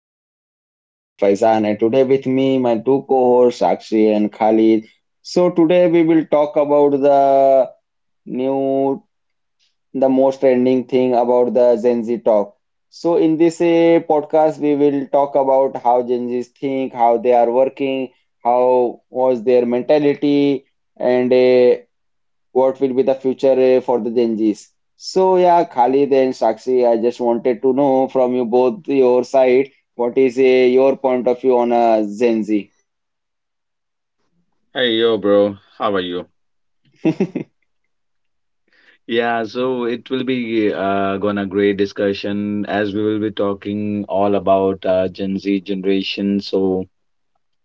podcast. I'm your host Faizan, and today with me my two co-hosts Sakshi and Khalid. So today we will talk about new the most trending thing about the Gen Z talk. So in this podcast we will talk about how Gen Zs think, how they are working, how was their mentality, and what will be the future for the Gen Zs. So yeah, Khalid and Sakshi, I just wanted to know from you both your side, what is your point of view on Gen Z? Hey yo, bro. How are you? Yeah, so it will be gonna great discussion as we will be talking all about Gen Z generation. So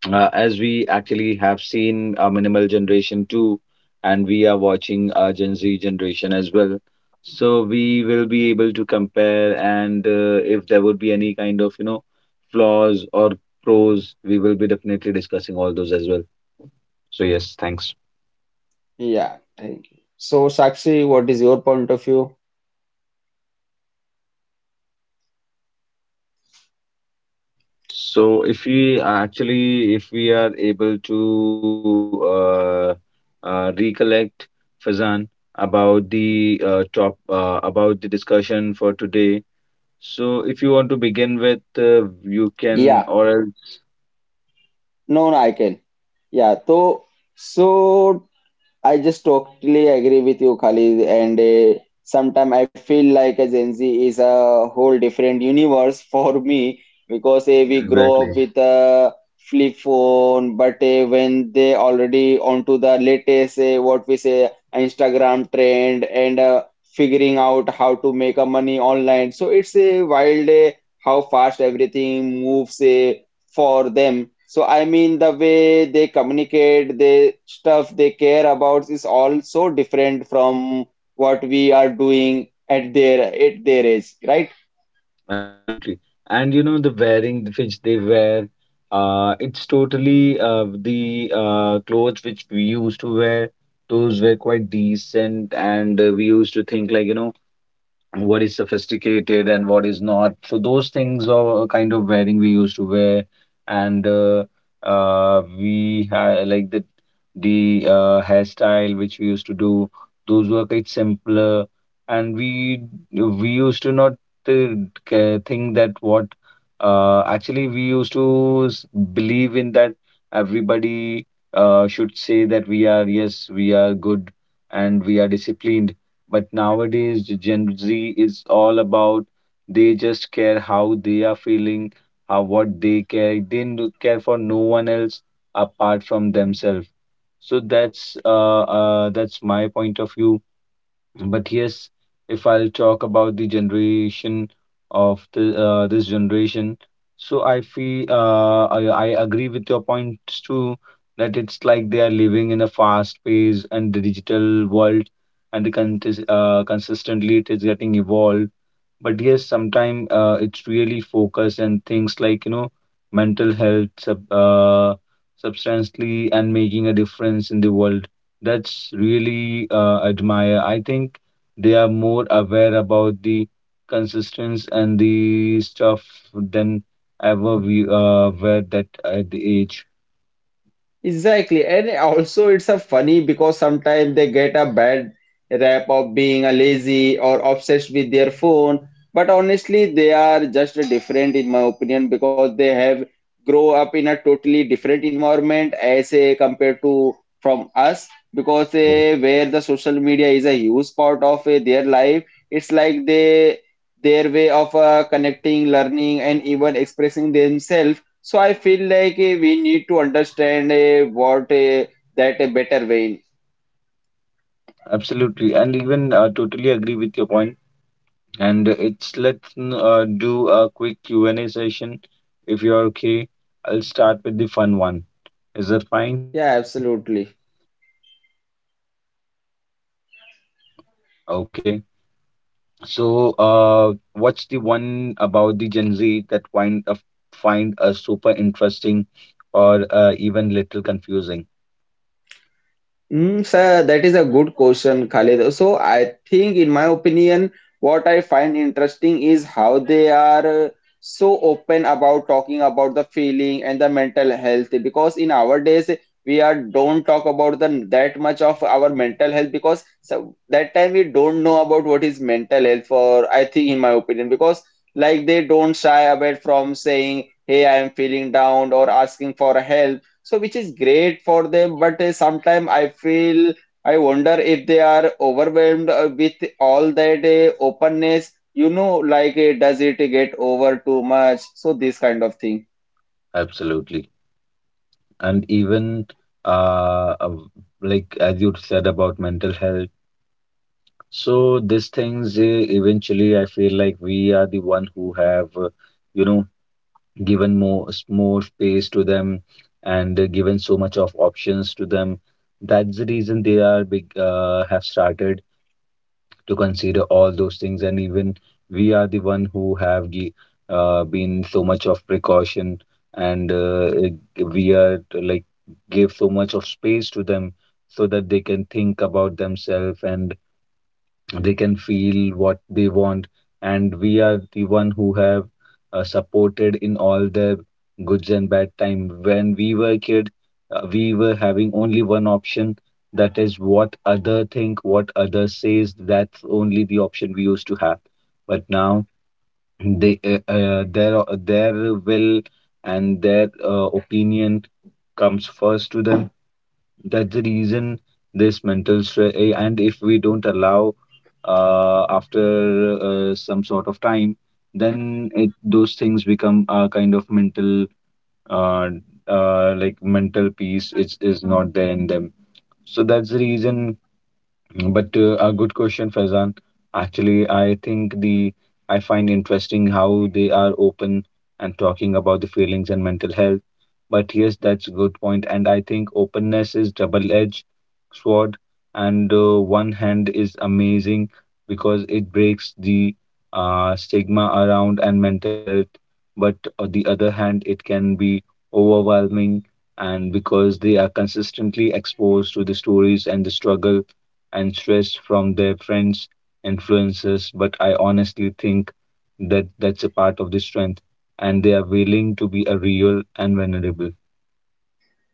as we actually have seen minimal generation too, and we are watching Gen Z generation as well. So we will be able to compare, and if there would be any kind of flaws or pros, we will be definitely discussing all those as well. So yes, thanks. Yeah, thank you. So Sakshi, what is your point of view? So if we actually, if we are able to recollect Fazan about the top about the discussion for today. So if you want to begin with, you can, Yeah, or else no, no, I can. Yeah, so I just totally agree with you, Khalid. And sometimes I feel like a Gen Z is a whole different universe for me, because we grow up exactly, with a flip phone, but when they already onto the latest, what we say, Instagram trend, and figuring out how to make a money online. So it's a wild how fast everything moves, for them. So I mean, the way they communicate, the stuff they care about is all so different from what we are doing at their age, right? absolutely. And you know the wearing which they wear, it's totally the clothes which we used to wear. Those were quite decent, and we used to think like you know what is sophisticated and what is not. So those things are kind of wearing we used to wear, and like the hairstyle which we used to do. Those were quite simpler, and we used to not uh, think that what actually we used to believe in that everybody should say that we are, yes, we are good and we are disciplined. But nowadays, the Gen Z is all about they just care how they are feeling, how what they care. They care for no one else apart from themselves. So that's my point of view. But yes, if I'll talk about the generation of the this generation, so I feel I agree with your points too that it's like they are living in a fast paced and digital world and consistently it is getting evolved. But yes, sometimes it's really focus and things like, you know, mental health, substantially, and making a difference in the world. That's really admire. I think they are more aware about the consistency and the stuff than ever we were that at the age. Exactly. And also it's a funny because sometimes they get a bad rap of being a lazy or obsessed with their phone. But honestly, they are just different, in my opinion, because they have grow up in a totally different environment as a compared to from us, because Yeah. Where the social media is a huge part of their life, it's like they their way of connecting, learning, and even expressing themselves, so I feel like we need to understand what that a better way. Absolutely, and even totally agree with your point. And it's do a quick Q&A session if you're okay. I'll start with the fun one. Is that fine? Yeah, absolutely. Okay. So, what's the one about the Gen Z that find a super interesting or even little confusing? Sir, that is a good question, Khalid. So I think, in my opinion, what I find interesting is how they are so open about talking about the feeling and the mental health. Because in our days, we are don't talk about the that much of our mental health, because so that time we don't know about what is mental health. For I think, in my opinion, because like they don't shy away from saying, "Hey, I am feeling down," or asking for help, so which is great for them, but sometimes I wonder if they are overwhelmed with all that openness, like does it get over too much, so this kind of thing. Absolutely. And even uh, uh, like as you said about mental health. So these things eventually I feel like we are the one who have you know given more space to them, and given so much of options to them. That's the reason they are big have started to consider all those things. And even we are the one who have been so much of precaution, and we are to, like give so much of space to them so that they can think about themselves and they can feel what they want. And we are the one who have supported in all their goods and bad time. When we were kid, we were having only one option, that is what other think, what other says. That's only the option we used to have, but now they their will and their opinion comes first to them. That's the reason this mental stress. And if we don't allow after some sort of time, then it those things become a kind of mental uh, like mental peace is not there in them. So that's the reason. But a good question, Faizan. Actually, I think the I find interesting how they are open and talking about the feelings and mental health. But yes, that's a good point, and I think openness is double-edged sword. And one hand is amazing because it breaks the stigma around and mental health. But on the other hand, it can be overwhelming, and because they are consistently exposed to the stories and the struggle and stress from their friends, influences, but I honestly think that that's a part of the strength and they are willing to be a real and vulnerable.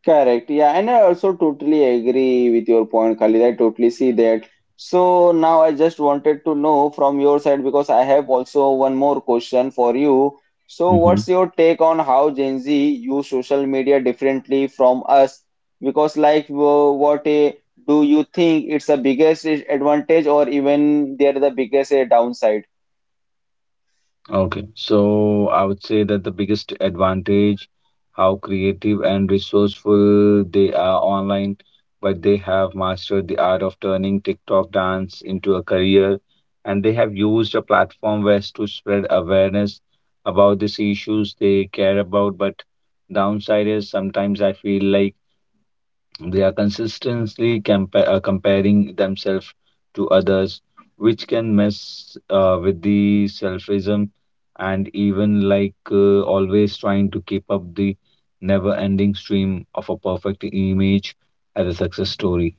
Correct. Yeah, and I also totally agree with your point, Khalid. I totally see that. So now I just wanted to know from your side, because I have also one more question for you. So Mhm. what's your take on how Gen Z use social media differently from us? Because like what do you think it's the biggest advantage, or even they're the biggest downside? Okay, so I would say that the biggest advantage, how creative and resourceful they are online, but they have mastered the art of turning TikTok dance into a career, and they have used a platform west to spread awareness about these issues they care about. But downside is sometimes I feel like they are consistently comparing themselves to others, which can mess with the selfism and even like always trying to keep up the never ending stream of a perfect image as a success story.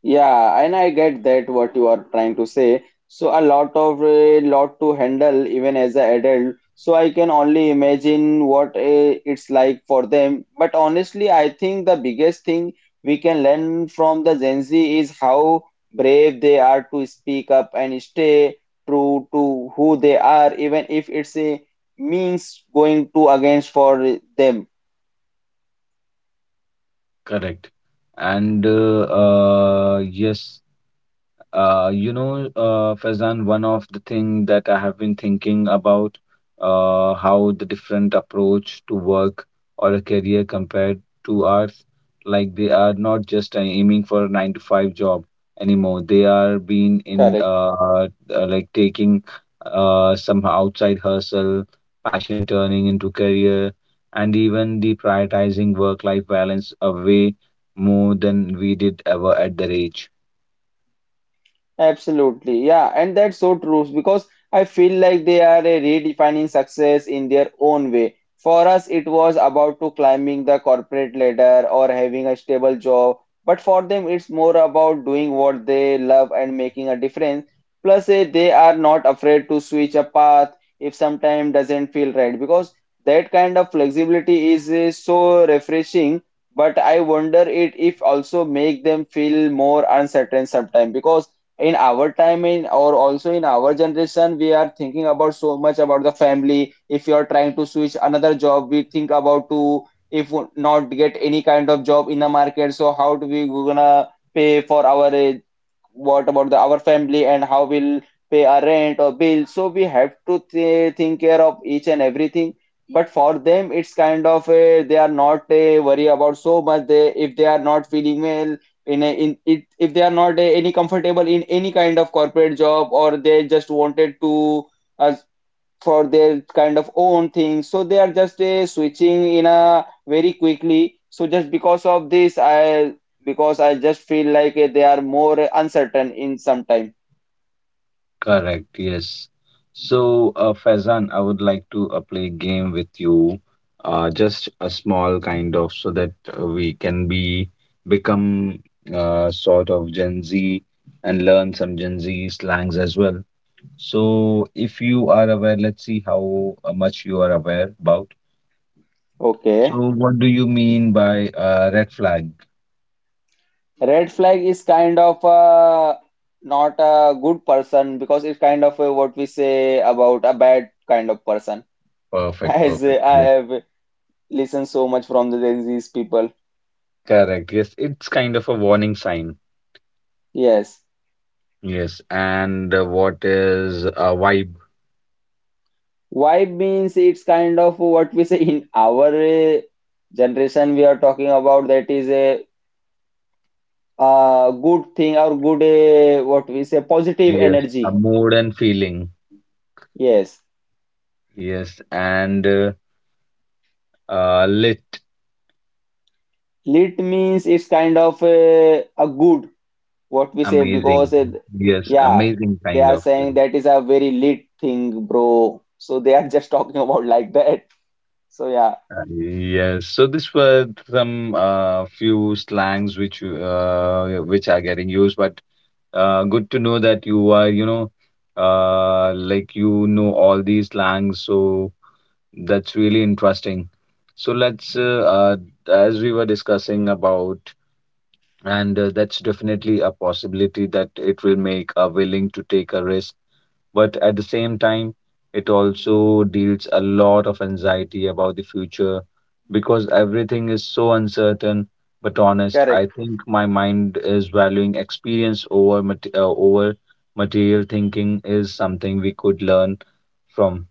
Yeah, and I get that what you are trying to say. So a lot to handle even as an adult. So I can only imagine what it's like for them. But honestly, I think the biggest thing we can learn from the Gen Z is how brave they are to speak up and stay true to who they are, even if it's a means going to against for them. Correct. And yes. Faizan, one of the thing that I have been thinking about, how the different approach to work or a career compared to ours, like they are not just aiming for a 9-to-5 job anymore. They are being in Correct. Like taking some outside hustle, passion turning into career, and even the prioritizing work-life balance away more than we did ever at their age. Absolutely. Yeah, and that's so true, because I feel like they are a redefining success in their own way. For us, it was about to climbing the corporate ladder or having a stable job, but for them, it's more about doing what they love and making a difference. Plus, they are not afraid to switch a path if sometime doesn't feel right, because that kind of flexibility is so refreshing. But I wonder it if also make them feel more uncertain sometimes, because in our time in or also in our generation, we are thinking about so much about the family. If you are trying to switch another job, we think about to if not get any kind of job in the market, so how do we gonna pay for our what about the our family, and how we'll pay our rent or bill, so we have to think care of each and everything. But for them, it's kind of a, they are not a worry about so much. They, if they are not feeling well in it, if they are not any comfortable in any kind of corporate job, or they just wanted to uh, for their kind of own thing. So they are just switching in a very quickly. So just because of this, I because I just feel like they are more uncertain in some time. Correct, yes. So, Faizan, I would like to play a game with you, just a small kind of, so that we can be become sort of Gen Z and learn some Gen Z slangs as well. So, if you are aware, let's see how much you are aware about. Okay, So, what do you mean by red flag? red flag is kind of not a good person, because it's kind of what we say about a bad kind of person. Perfect, As perfect. I Yes, have listened so much from these people. correct. Yes, it's kind of a warning sign. Yes. Yes, and what is a vibe? Vibe means it's kind of what we say in our generation we are talking about, that is a good thing, or good what we say positive Yes, a energy. mood and feeling. Yes. Yes, and lit, Lit means it's kind of a good, what we say, amazing. because Yes, yeah, amazing they kind are of. Yeah. saying that is a very lit thing, bro. So they are just talking about like that. So yeah, Yes, so this were some few slangs which which are getting used, but good to know that you are, like you know all these slangs, so that's really interesting. So as we were discussing about, and that's definitely a possibility that it will make a willing to take a risk. But at the same time it also deals a lot of anxiety about the future because everything is so uncertain. But honest, I correct. think my mind is valuing experience over material thinking is something we could learn from.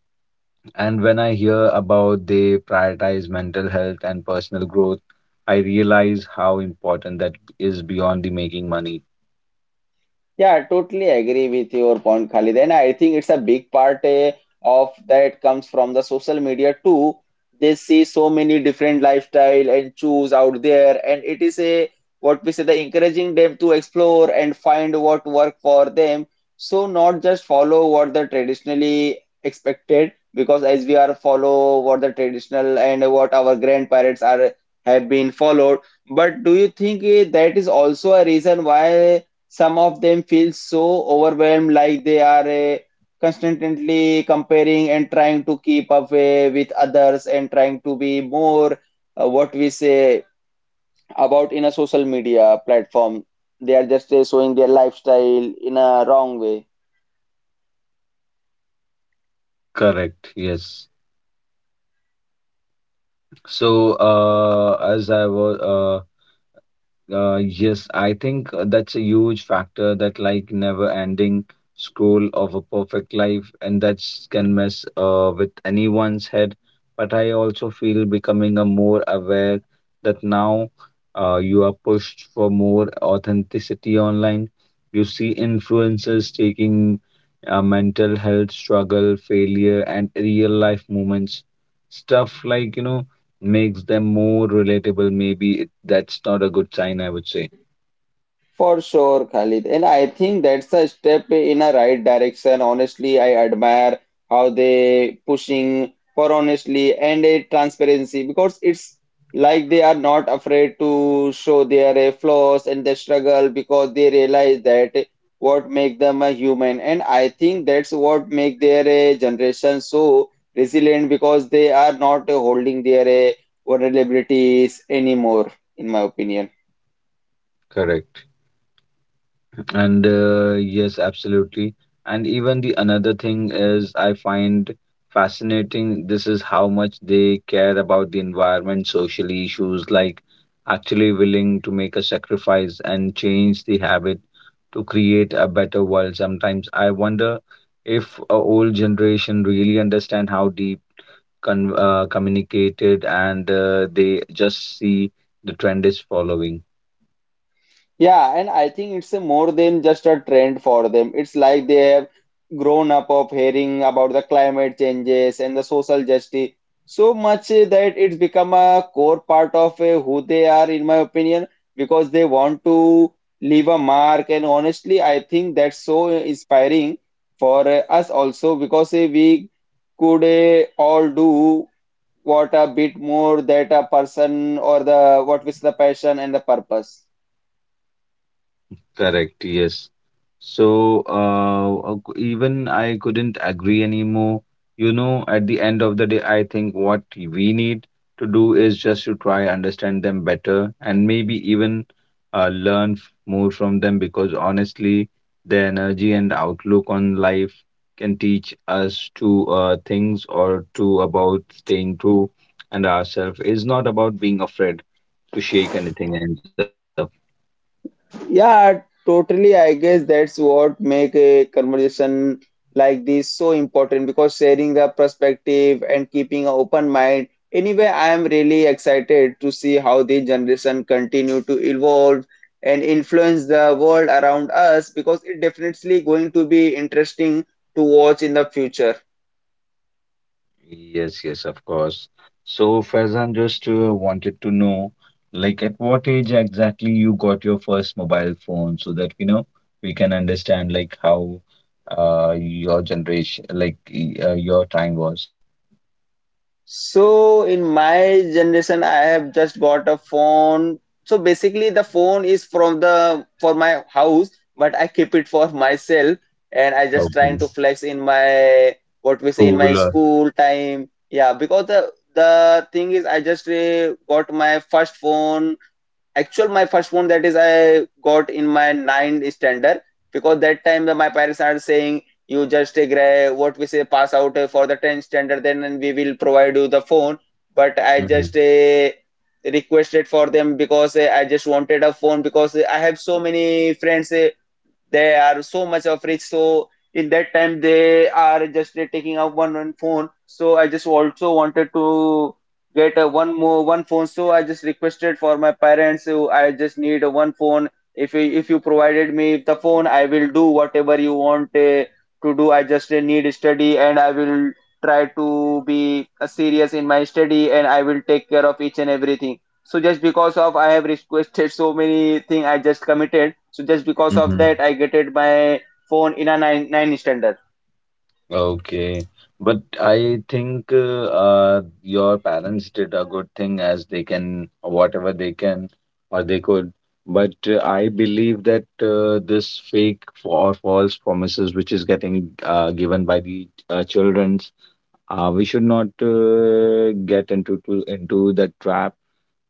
And when I hear about they prioritize mental health and personal growth, I realize how important that is beyond the making money. Yeah, I totally agree with your point, Khalid. And I think it's a big part of that comes from the social media too. They see so many different lifestyle and choose out there, and it is a what we say the encouraging them to explore and find what work for them. So not just follow what the traditionally expected, because as we are follow what the traditional and what our grandparents are have been followed. But do you think that is also a reason why? Some of them feel so overwhelmed, like they are constantly comparing and trying to keep up with others, and trying to be more what we say about in a social media platform. They are just showing their lifestyle in a wrong way. Correct. Yes. So, as I yes, I think that's a huge factor that like never ending scroll of a perfect life and that's can mess with anyone's head. But I also feel becoming a more aware that now you are pushed for more authenticity online. You see influencers taking mental health struggle, failure, and real life moments. Stuff like, makes them more relatable maybe it, that's not a good sign, I would say. For sure, Khalid. And I think that's a step in a right direction. Honestly, I admire how they pushing for honestly and a transparency, because it's like they are not afraid to show their flaws and their struggle, because they realize that what make them a human. And I think that's what make their generation so resilient, because they are not holding their vulnerabilities anymore, in my opinion. Correct. And yes, absolutely. And even the another thing is I find fascinating, this is how much they care about the environment social issues like actually willing to make a sacrifice and change the habit to create a better world. Sometimes I wonder if a old generation really understand how deep communicated, and they just see the trend is following. Yeah, and I think it's a more than just a trend for them. It's like they have grown up of hearing about the climate changes and the social justice so much that it's become a core part of who they are, in my opinion, because they want to leave a mark. And honestly, I think that's so inspiring for us also, because we could all do what a bit more that a person or the what is the passion and the purpose. Correct, yes. So, even I couldn't agree anymore. You know, at the end of the day, I think what we need to do is just to try understand them better and maybe even more from them because honestly, their energy and outlook on life can teach us to things or to about staying true and ourselves is not about being afraid to shake anything else up. Yeah, totally. I guess that's what make a conversation like this so important, because sharing a perspective and keeping an open mind. Anyway, I am really excited to see how the generation continue to evolve and influence the world around us, because it definitely going to be interesting to watch in the future. Yes, yes, of course. So, Faizan, just wanted to know, like, at what age exactly you got your first mobile phone, so that we can understand like how your generation, like your time was. So in my generation, I have just got a phone. So basically, the phone is from the for my house, but I keep it for myself, and I just trying Okay. to flex in my what we say in my School. School time. Yeah, because the thing is, I just got my first phone that is I got in my ninth standard, because that time my parents are saying you just take what we say pass out for the 10th standard then and we will provide you the phone. But I just requested for them, because I just wanted a phone, because I have so many friends, they are so much of rich, so in that time they are just taking out one phone, so I just also wanted to get a one more one phone, so I just requested for my parents, so I just need a one phone. If you provided me the phone, I will do whatever you want to do. I just need study, and I will try to be serious in my study, and I will take care of each and everything. So just because of I have requested so many thing, I just committed, so just because of Mm-hmm. that I get it my phone in a nine standard. Okay, but I think your parents did a good thing as they can, whatever they can or they could. But I believe that this fake or false promises which is getting given by the childrens, we should not get into the trap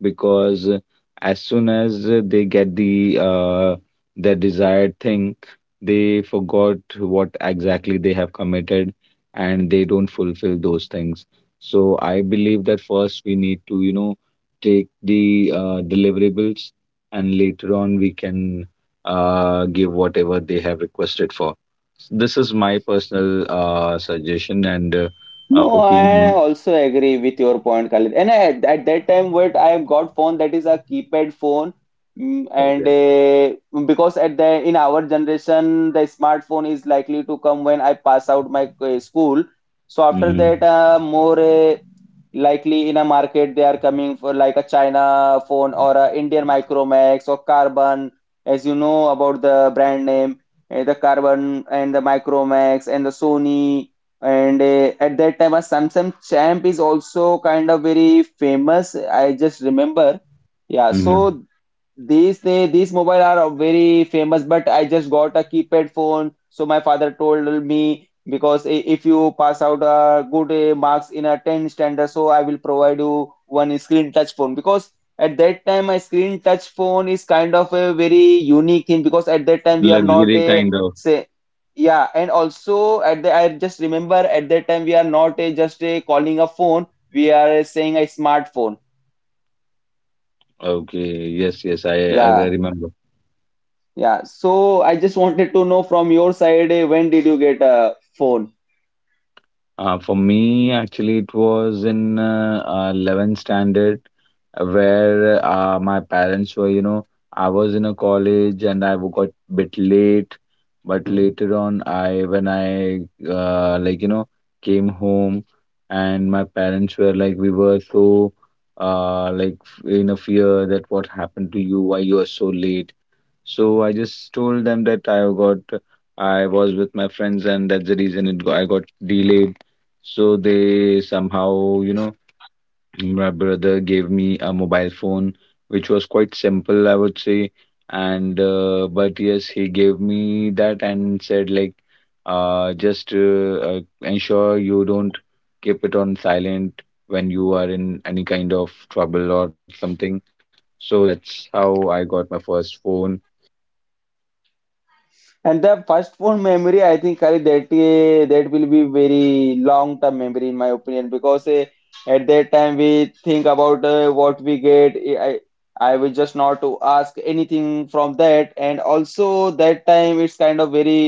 because as soon as they get their desired thing, they forgot what exactly they have committed and they don't fulfill those things. So I believe that first we need to, take the deliverables and later on we can give whatever they have requested for. This is my personal suggestion and No, I opinion. also agree with your point, Khalid. And I, at that time, what I got phone that is a keypad phone. Mm, and Okay. uh, because at the in our generation, the smartphone is likely to come when I pass out my school. So after Mm-hmm. that, more likely in a market they are coming for like a China phone or a Indian Micromax or Carbon, as you know about the brand name, the Carbon and the Micromax and the Sony. And at that time a Samsung Champ is also kind of very famous, I just remember. Yeah, Mm-hmm. so these mobile are very famous, but I just got a keypad phone. So my father told me, because if you pass out good marks in a 10th standard, so I will provide you one screen touch phone. Because at that time, a screen touch phone is kind of a very unique thing. Because at that time, we are Luxury not a kind of. say, yeah, and also at the I just remember at that time we are not a just a calling a phone. We are saying a smartphone. Okay. Yes, yes, I Yeah. remember. Yeah, so I just wanted to know from your side, when did you get a phone? For me, actually, it was in 11th standard where my parents were, you know, I was in a college and I got bit late. But later on, I when I like you know came home and my parents were like, we were so uh like in a fear that what happened to you, why you are so late. So I just told them that I was with my friends and that's the reason I got delayed. So they somehow, you know, my brother gave me a mobile phone which was quite simple, I would say. And but yes, he gave me that and said like, just ensure you don't keep it on silent when you are in any kind of trouble or something. So that's how I got my first phone. And the first phone memory, I think, Hari, that will be very long-term memory in my opinion, because at that time we think about what we get. I will just not to ask anything from that, and also that time it's kind of very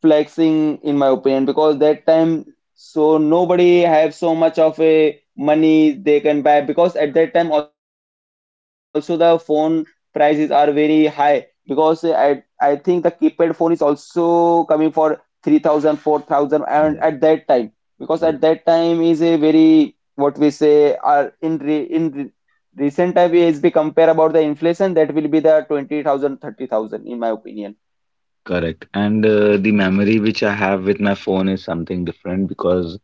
flexing in my opinion, because that time so nobody have so much of a money they can buy. Because at that time also the phone prices are very high, because I think the keypad phone is also coming for 3000 four thousand. And Yes. At that time is a very what we say, are recent time is be compare about the inflation, that will be the 20000 30000 in my opinion. Correct. And the memory which I have with my phone is something different, because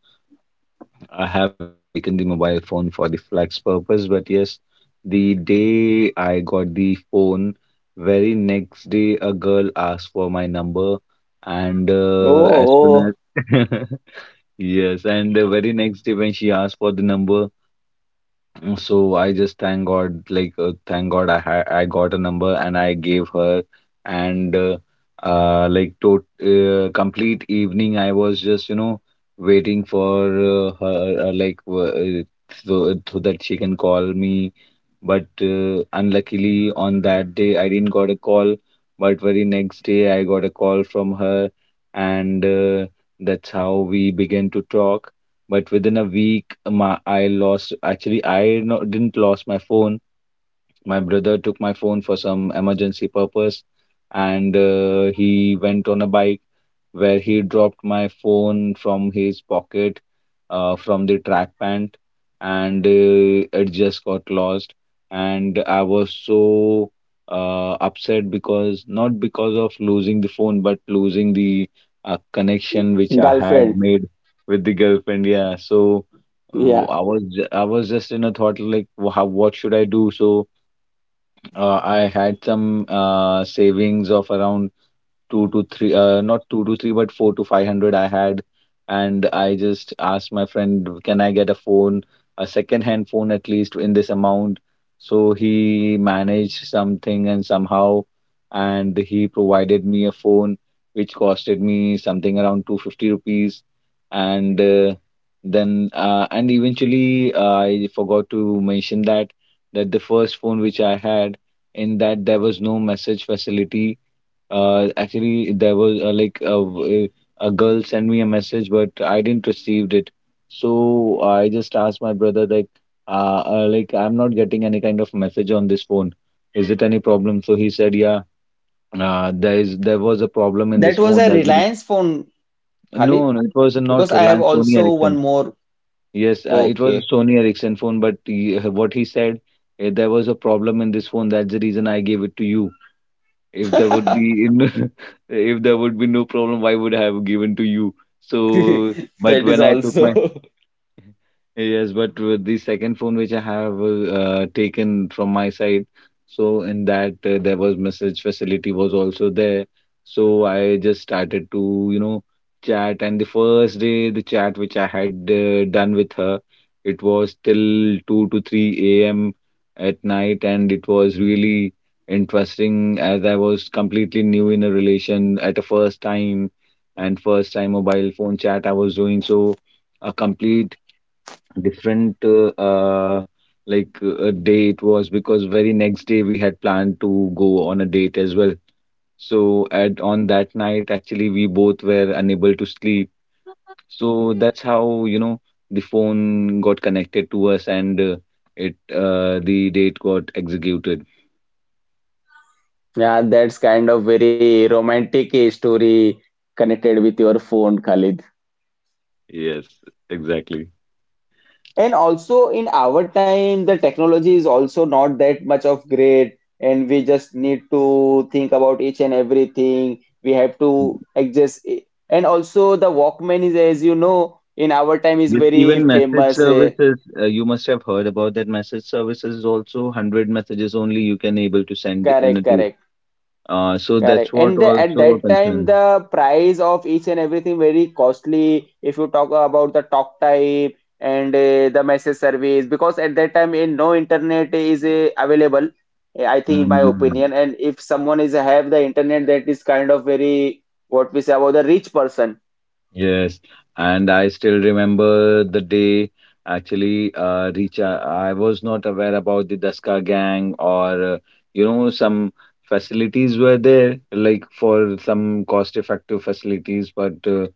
I have not taken the mobile phone for the flex purpose. But yes, the day I got the phone, very next day a girl asked for my number, and Oh, as soon oh, as yes, and the very next day when she asked for the number, so I just thank God, like thank God I got a number and I gave her, and like to complete evening I was just, you know, waiting for her so that she can call me. But unluckily, on that day, I didn't got a call. But very next day, I got a call from her, and that's how we began to talk. But within a week, my I lost. Actually, I no, didn't lost my phone. My brother took my phone for some emergency purpose, and he went on a bike where he dropped my phone from his pocket, from the track pant, and it just got lost. And I was so upset, because not because of losing the phone, but losing the connection which I had girlfriend. made with the girlfriend. Yeah, so w- Yeah, i was ju- i was just in a thought like, how, what should I do. So I had some savings of around two to three, not two to three, but four to five hundred I had. And I just asked my friend, can I get a phone, a second hand phone at least in this amount? So he managed something, and somehow, and he provided me a phone which costed me something around 250 rupees. And and eventually, I forgot to mention that the first phone which I had, in that there was no message facility. Actually there was a girl sent me a message, but I didn't received it. So I just asked my brother like, I'm not getting any kind of message on this phone. Is it any problem? So he said, yeah, there was a problem in that this was phone. a That's it. Reliance phone, No, Khalid, no, it was not because I have Reliance Sony also Ericsson. one more. Yes, it was Okay. a Sony Ericsson phone, but he, what he said, there was a problem in this phone. That's the reason I gave it to you. If there would be in, if there would be no problem, why would I have given to you. So, but That is when I took my also. Yes, but with the second phone which I have taken from my side, so in that there was message facility was also there. So I just started to, you know, chat. And the first day, the chat which I had done with her, it was till 2 to 3 a.m. at night, and it was really interesting, as I was completely new in a relation at a first time, and first time mobile phone chat I was doing. So a complete different day it was, because very next day we had planned to go on a date as well. So at on that night actually we both were unable to sleep, so that's how, you know, the phone got connected to us and it the date got executed. Yeah, that's kind of very romantic story connected with your phone, Khalid. Yes, exactly. And also in our time, the technology is also not that much of great, and we just need to think about each and everything. We have to Mm. adjust it. And also the Walkman is, as you know, in our time is Yes, very even message famous. eh, services, you must have heard about that, message services is also 100 messages only you can able to send in a Correct, day. correct, So correct. that's what And at also a that time, concern. the price of each and everything very costly. If you talk about the talk time and the message service, because at that time, in no internet is available. I think, in my Mm. opinion, and if someone is have the internet, that is kind of very what we say about the rich person. Yes, and I still remember the day, actually, Richa, I was not aware about the Daska gang, or you know, some facilities were there like for some cost effective facilities. But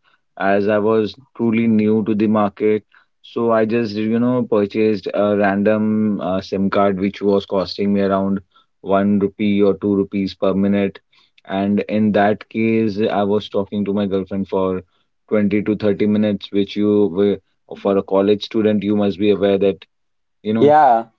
as I was truly new to the market, so I just, you know, purchased a random SIM card which was costing me around 1 rupee or 2 rupees per minute. And in that case I was talking to my girlfriend for 20 to 30 minutes, which, you were for a college student, you must be aware that, you know, Yeah,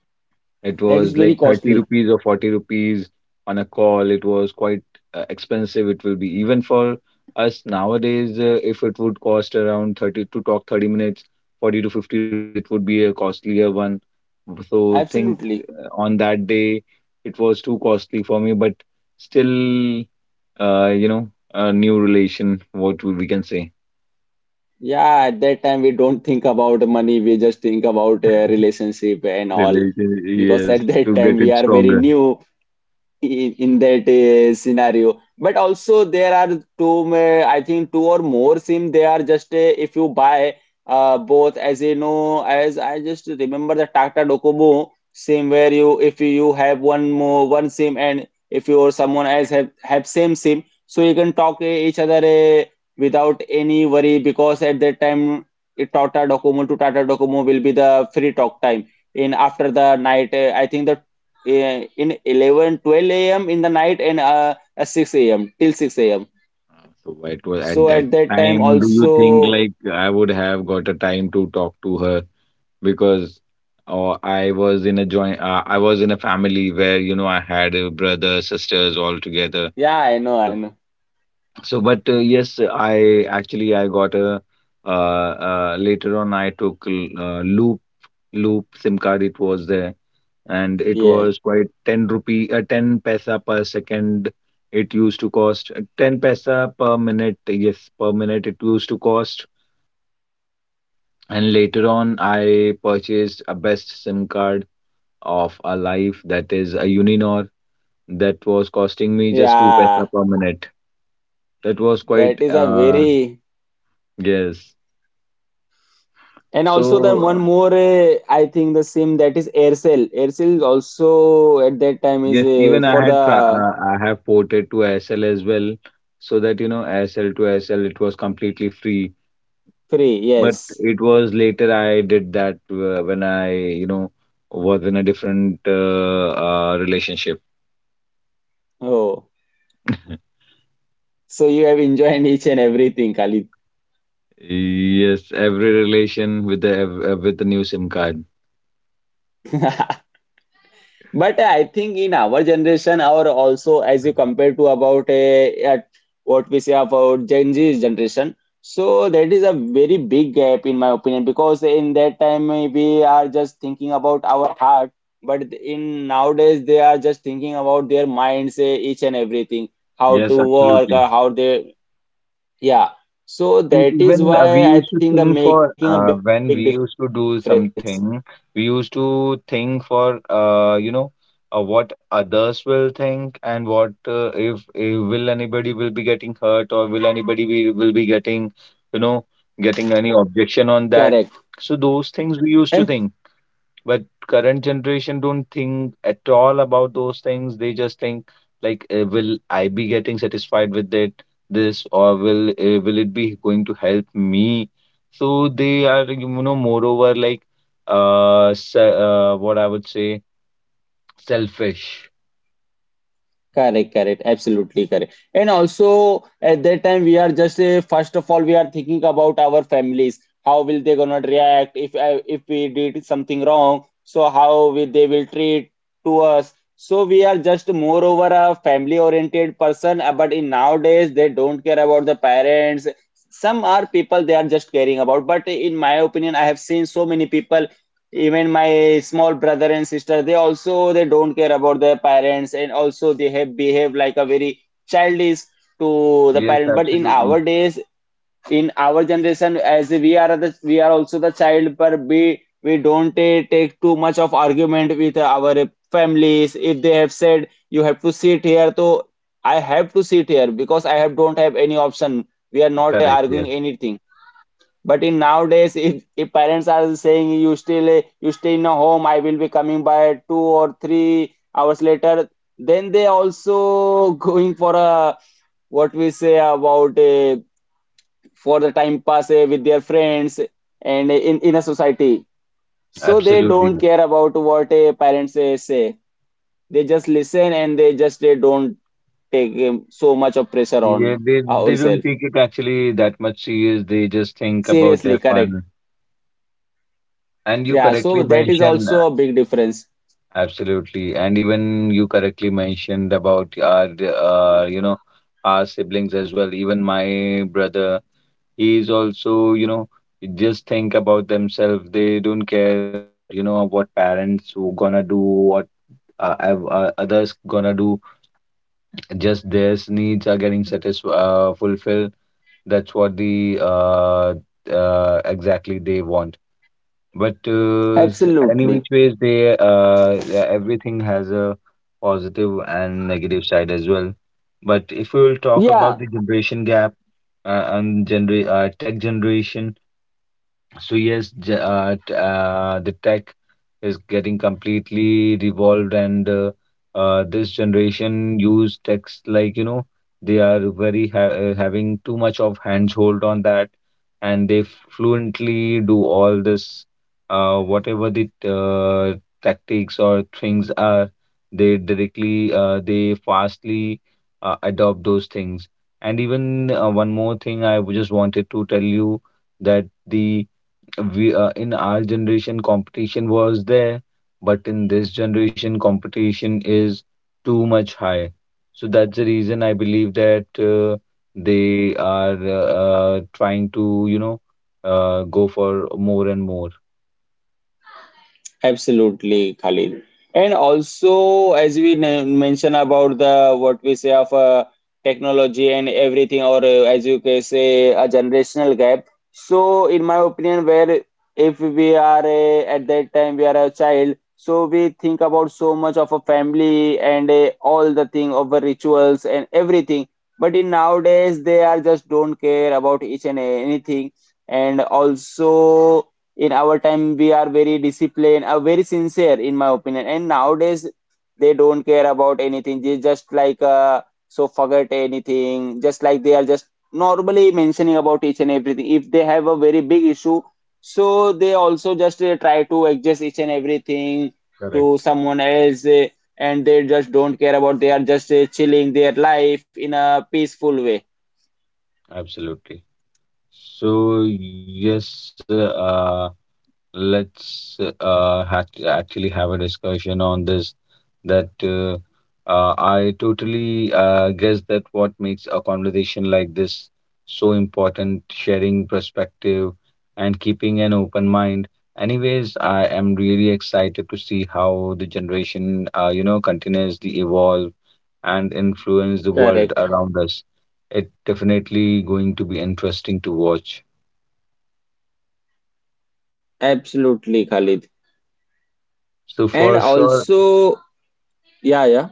it that is was very like 30 costly. rupees or 40 rupees on a call. It was quite expensive it will be even for us nowadays. If it would cost around 30 to talk 30 minutes, 40 to 50 rupees, it would be a costlier one. So think Absolutely. On that day it was too costly for me. But still you know, a new relation, what we can say. Yeah, at that time we don't think about money, we just think about relationship and all. Relation, Because yes, at that to time get we it are very stronger. new, in that scenario. But also there are I think two or more sim. They are just if you buy both, as you know, as I just remember the Tata Docomo sim, where you if you have one more one sim and if you or someone else have same sim, so you can talk each other without any worry, because at that time it Tata Docomo to Tata Docomo will be the free talk time in after the night. I think in 11, 12 a.m. in the night and 6 a.m till 6 a.m. So it was at So that at that time time. Do you think also, like I would have got a time to talk to her? Because I was in a family where, you know, I had a brother, sisters all together. yeah, i know i So, know so, but yes, I actually I got a later on I took Loop SIM card. It was there, and it yeah, was quite 10 rupee 10 paisa per second it used to cost, 10 paisa per minute, yes per minute it used to cost. And later on I purchased a best SIM card of a life, that is a uninor, that was costing me just 2 yeah. paisa per minute. That was quite That is a very, yes. and also the So one uh, more, I think the same, that is Aircel is also at that time is yes, even i for the had tra- uh, i have ported to ASL as well, so that, you know, ASL to ASL it was completely free. free. But Yes. it was later I did that, when I, you know, was in a different relationship. Oh, so you have enjoyed each and everything, Khalid. Yes, every relation with the with the new SIM card. But I think in our generation, or also as you compare to about a, at what we say about Gen Z generation, so that is a very big gap in my opinion, because in that time we are just thinking about our heart, but in nowadays they are just thinking about their minds, each and everything, how Yes, to work absolutely. or how they, yeah. So And that is even we why I used to think the think making for a big when difference. we used to do something, we used to think for you know, what others will think and what if will anybody will be getting hurt, or will anybody be, will be getting, you know, Correct. getting any objection on And that. So those things we used to think. But current generation don't think at all about those things. They just think like, will I be getting satisfied with it, this, or will it be going to help me? So they are, you know, moreover like, what I would say, selfish. Correct, correct, absolutely correct. And also at that time we are just first of all we are thinking about our families. How will they gonna react if we did something wrong? So how will they will treat to us? So we are just moreover a family oriented person. But in nowadays they don't care about the parents. Some are people they are just caring about. But in my opinion, I have seen so many people, even my small brother and sister, they also they don't care about their parents, and also they have behave like a very childish to the Yes, parent. But in absolutely our days, in our generation, as we are also the child, but we don't take too much of argument with our families. If they have said you have to sit here, so I have to sit here, because I have don't have any option. We are not correct. arguing Yes, anything. But in nowadays, if parents are saying you still you stay in a home, I will be coming by 2 or 3 hours later, then they also going for a what we say about for the time pass with their friends and in a society. So they absolutely. don't care about what a parents say. They just listen and they don't take so much of pressure Yeah, on they don't ourselves. take it actually that much serious. They just think about Seriously, their correct. fun. And you Yeah, so correctly that is mentioned, also a big difference. absolutely. And even you correctly mentioned about our, you know, our siblings as well. Even my brother, he is also, you know, just think about themselves. They don't care about, you know, what parents who gonna do, what others gonna do. Just their needs are getting satisfied, fulfilled. That's what the exactly they want. But any Absolutely. which ways, they yeah, everything has a positive and negative side as well. But if we will talk about Yeah, the generation gap and gener tech generation. So yes, the tech is getting completely revolved, and this generation use techs like, you know, they are very having too much of handhold on that, and they fluently do all this, whatever the tactics or things are, they directly they fastly adopt those things. And even one more thing, just wanted to tell you that the we in our generation competition was there, but in this generation competition is too much high. So that's the reason I believe that they are trying to go for more and more. absolutely, Khalid. And also, as we mention about the what we say of technology and everything, or as you can say, a generational gap. So, in my opinion, where if we are at that time we are a child, so we think about so much of a family and all the thing of the rituals and everything. But in nowadays, they are just don't care about each and anything, and also, in our time we are very disciplined, are very sincere in my opinion. And nowadays they don't care about anything, they just like, so forget anything, just like they are just normally mentioning about each and everything. If they have a very big issue, so they also just try to adjust each and everything to Correct, someone else, and they just don't care about, they are just chilling their life in a peaceful way. absolutely. So yes, let's actually have a discussion on this that I totally guess that what makes a conversation like this so important: sharing perspective and keeping an open mind. Anyways, I am really excited to see how the generation continues to evolve and influence the world Correct, around us. It definitely going to be interesting to watch, absolutely, Khalid. so And for sure. also, yeah, yeah.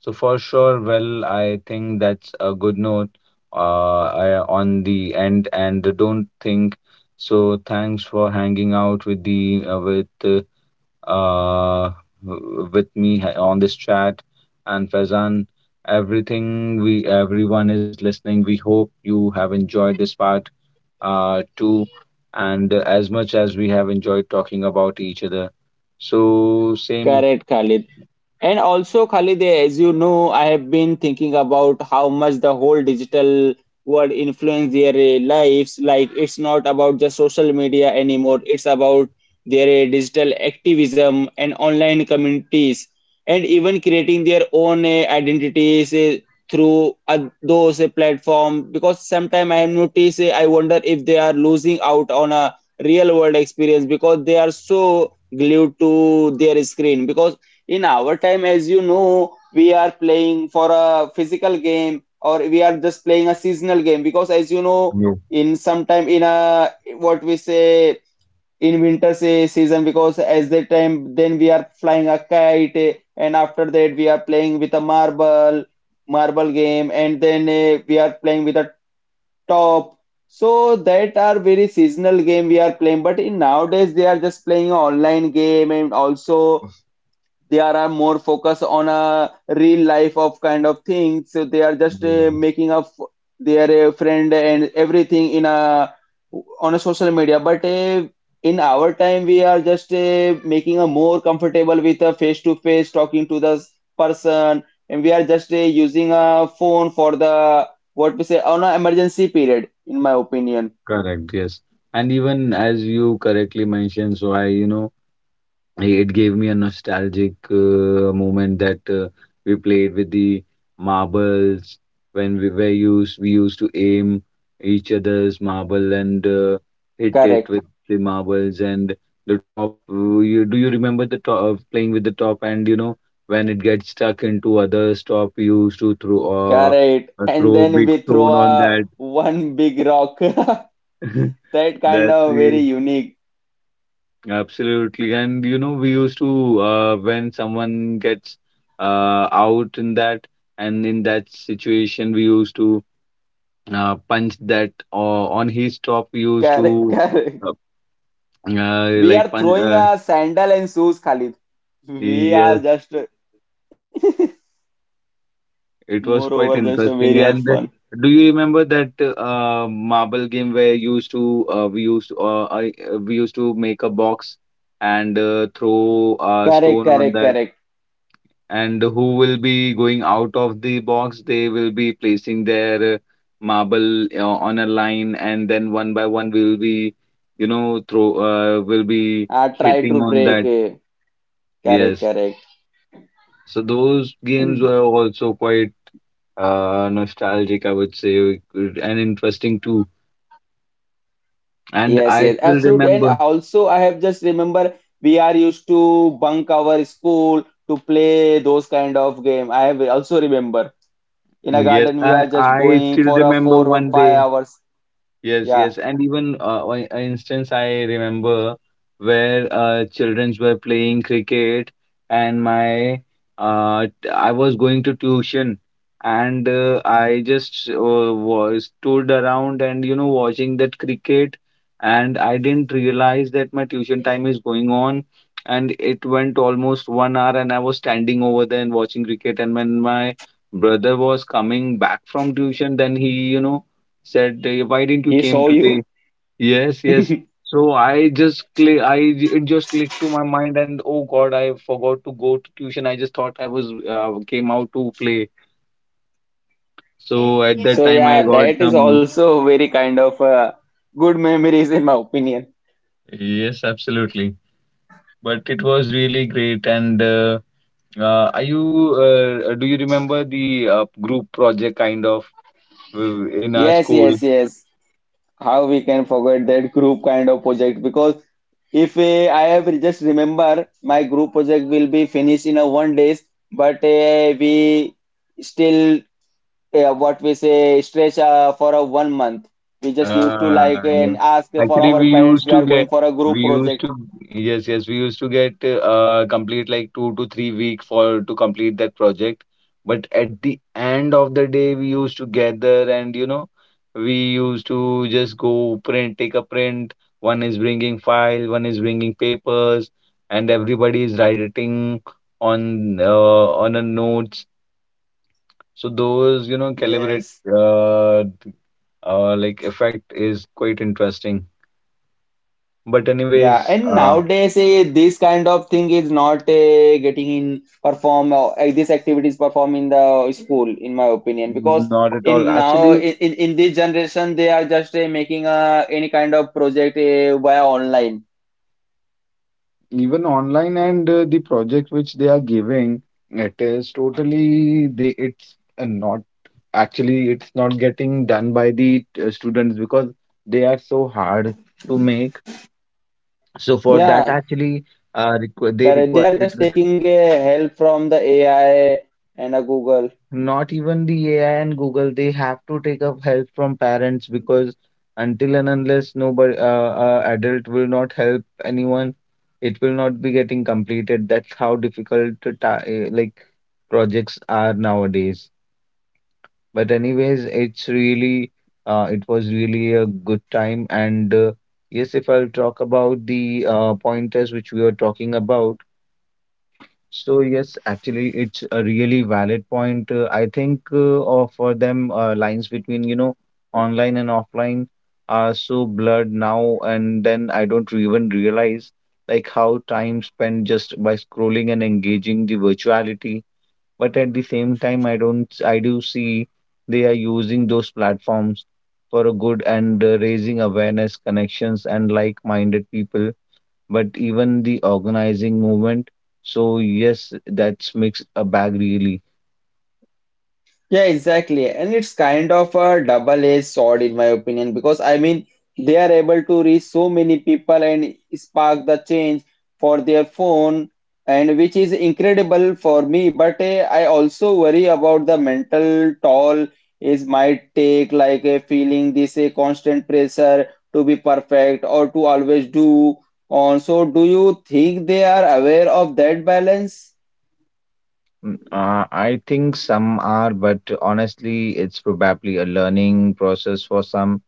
Well, I think that's a good note, uh, on the end, and don't think so. Thanks for hanging out with uh, with me on this chat, and Faizan, everything we everyone is listening. We hope you have enjoyed this part too, and as much as we have enjoyed talking about each other. So same. Correct, Khalid. And also, Khalid, as you know, I have been thinking about how much the whole digital world influence their lives. Like, it's not about just social media anymore. It's about their digital activism and online communities, and even creating their own identities through those platform. Because sometimes I have noticed, I wonder if they are losing out on a real world experience because they are so glued to their screen, because in our time, as you know, we are playing for a physical game or we are just playing a seasonal game. Because, as you know, in sometime in a what we say in winter say season, because as the time then we are flying a kite and after that we are playing with a marble marble game, and then we are playing with a top. So that are very seasonal game we are playing, but in nowadays they are just playing online game, and also they are more focused on a real life of kind of things. So they are just Yeah. Making up their friend and everything, in a on a social media. But in our time we are just making a more comfortable with a face to face talking to the person, and we are just using a phone for the what we say on an emergency period in my opinion. Correct, yes. And even as you correctly mentioned, so I, it gave me a nostalgic moment that we played with the marbles when we used to aim each other's marble and hit it Correct, with the marbles and the top. You do you remember the top of playing with the top? And you know when it gets stuck into other top, we used to throw uh, correct. And throw then big we throw stone on a that. one big rock. That kind That of very we unique. Absolutely. And you know, we used to when someone gets out in that and in that situation, we used to punch that or on his top. We used Correct, to correct. uh, We like are punch. throwing a sandal and shoes, Khalid. We are Yes, just, it was moreover, quite just a very interesting. are And fun. do you remember that marble game where you used to we used to make a box and throw a Correct, stone on correct, that? correct. And who will be going out of the box, they will be placing their marble on a line, and then one by one we will be, you know, throw will be I try hitting to on break. that. Correct, Yes, correct. so those games And were also quite nostalgic, I would say, and interesting too. And yes, I yes, still absolutely. And remember. also, I have just remember we are used to bunk our school to play those kind of game. I have also remember in a Yes, garden we i are just i going still for a remember four or one day. five hours. Yes, yes, Yeah. and even an instance I remember where childrens were playing cricket, and I was going to tuition, and I just was stood around and you know watching that cricket, and I didn't realize that my tuition time is going on, and it went almost one hour, and I was standing over there and watching cricket. And when my brother was coming back from tuition, then he you know said, "Hey, "Why didn't He you saw came you? today?" Yes, yes. So I just click. It just clicked to my mind, and oh God, I forgot to go to tuition. I just thought I was came out to play. So at that So time, I yeah, got that is some. also very kind of good memories in my opinion. Yes, absolutely. But it was really great. And are you? Do you remember the group project kind of in our Yes, school? yes, yes. How we can forget that group kind of project? Because if I have just remember my group project will be finished in a 1 days, but we still what we say stretch for a 1 month. We just used to like Yeah. and ask for Actually, our we parents. used We to are going get, for a we group used project. to, yes, yes, we used to get complete like 2 to 3 weeks for to complete that project. But at the end of the day, we used to gather and we used to just go print, take a print. One is bringing file, one is bringing papers, and everybody is writing on a notes. So those, you know, calibrate Yes. uh, like effect is quite interesting. But Yeah, anyways, and nowadays this kind of thing is not getting in perform these activities perform in the school, in my opinion, because not at all. in now Actually, in this generation they are just making any kind of project via online. even online and the project which they are giving, it is totally they it's not actually it's not getting done by the students because they are so hard to make. Yeah, So for that correct. They are just actually, taking requ help they from the require it. AI and a Google. Not even the AI and Google, they have to take up help from parents because until and unless nobody, adult will not help anyone, it will not be getting completed. That's how difficult to like projects are nowadays. But anyways, it's really, it was really a good time. And yes, if I'll talk about the pointers which we were talking about. So yes, actually, it's a really valid point. I think for them, lines between online and offline are so blurred now, and then I don't even realize like how time spent just by scrolling and engaging the virtuality. But at the same time, I don't, I do see they are using those platforms for a good and raising awareness, connections, and like-minded people but even the organizing movement. So yes, that's makes a bag really. Yeah, exactly. And it's kind of a double-edged sword in my opinion, because I mean they are able to reach so many people and spark the change for their phone and which is incredible for me, but I also worry about the mental toll is might take, like a feeling this a constant pressure to be perfect or to always do on. So do you think they are aware of that balance? Mm, I think some are, but honestly, it's probably a learning process for some.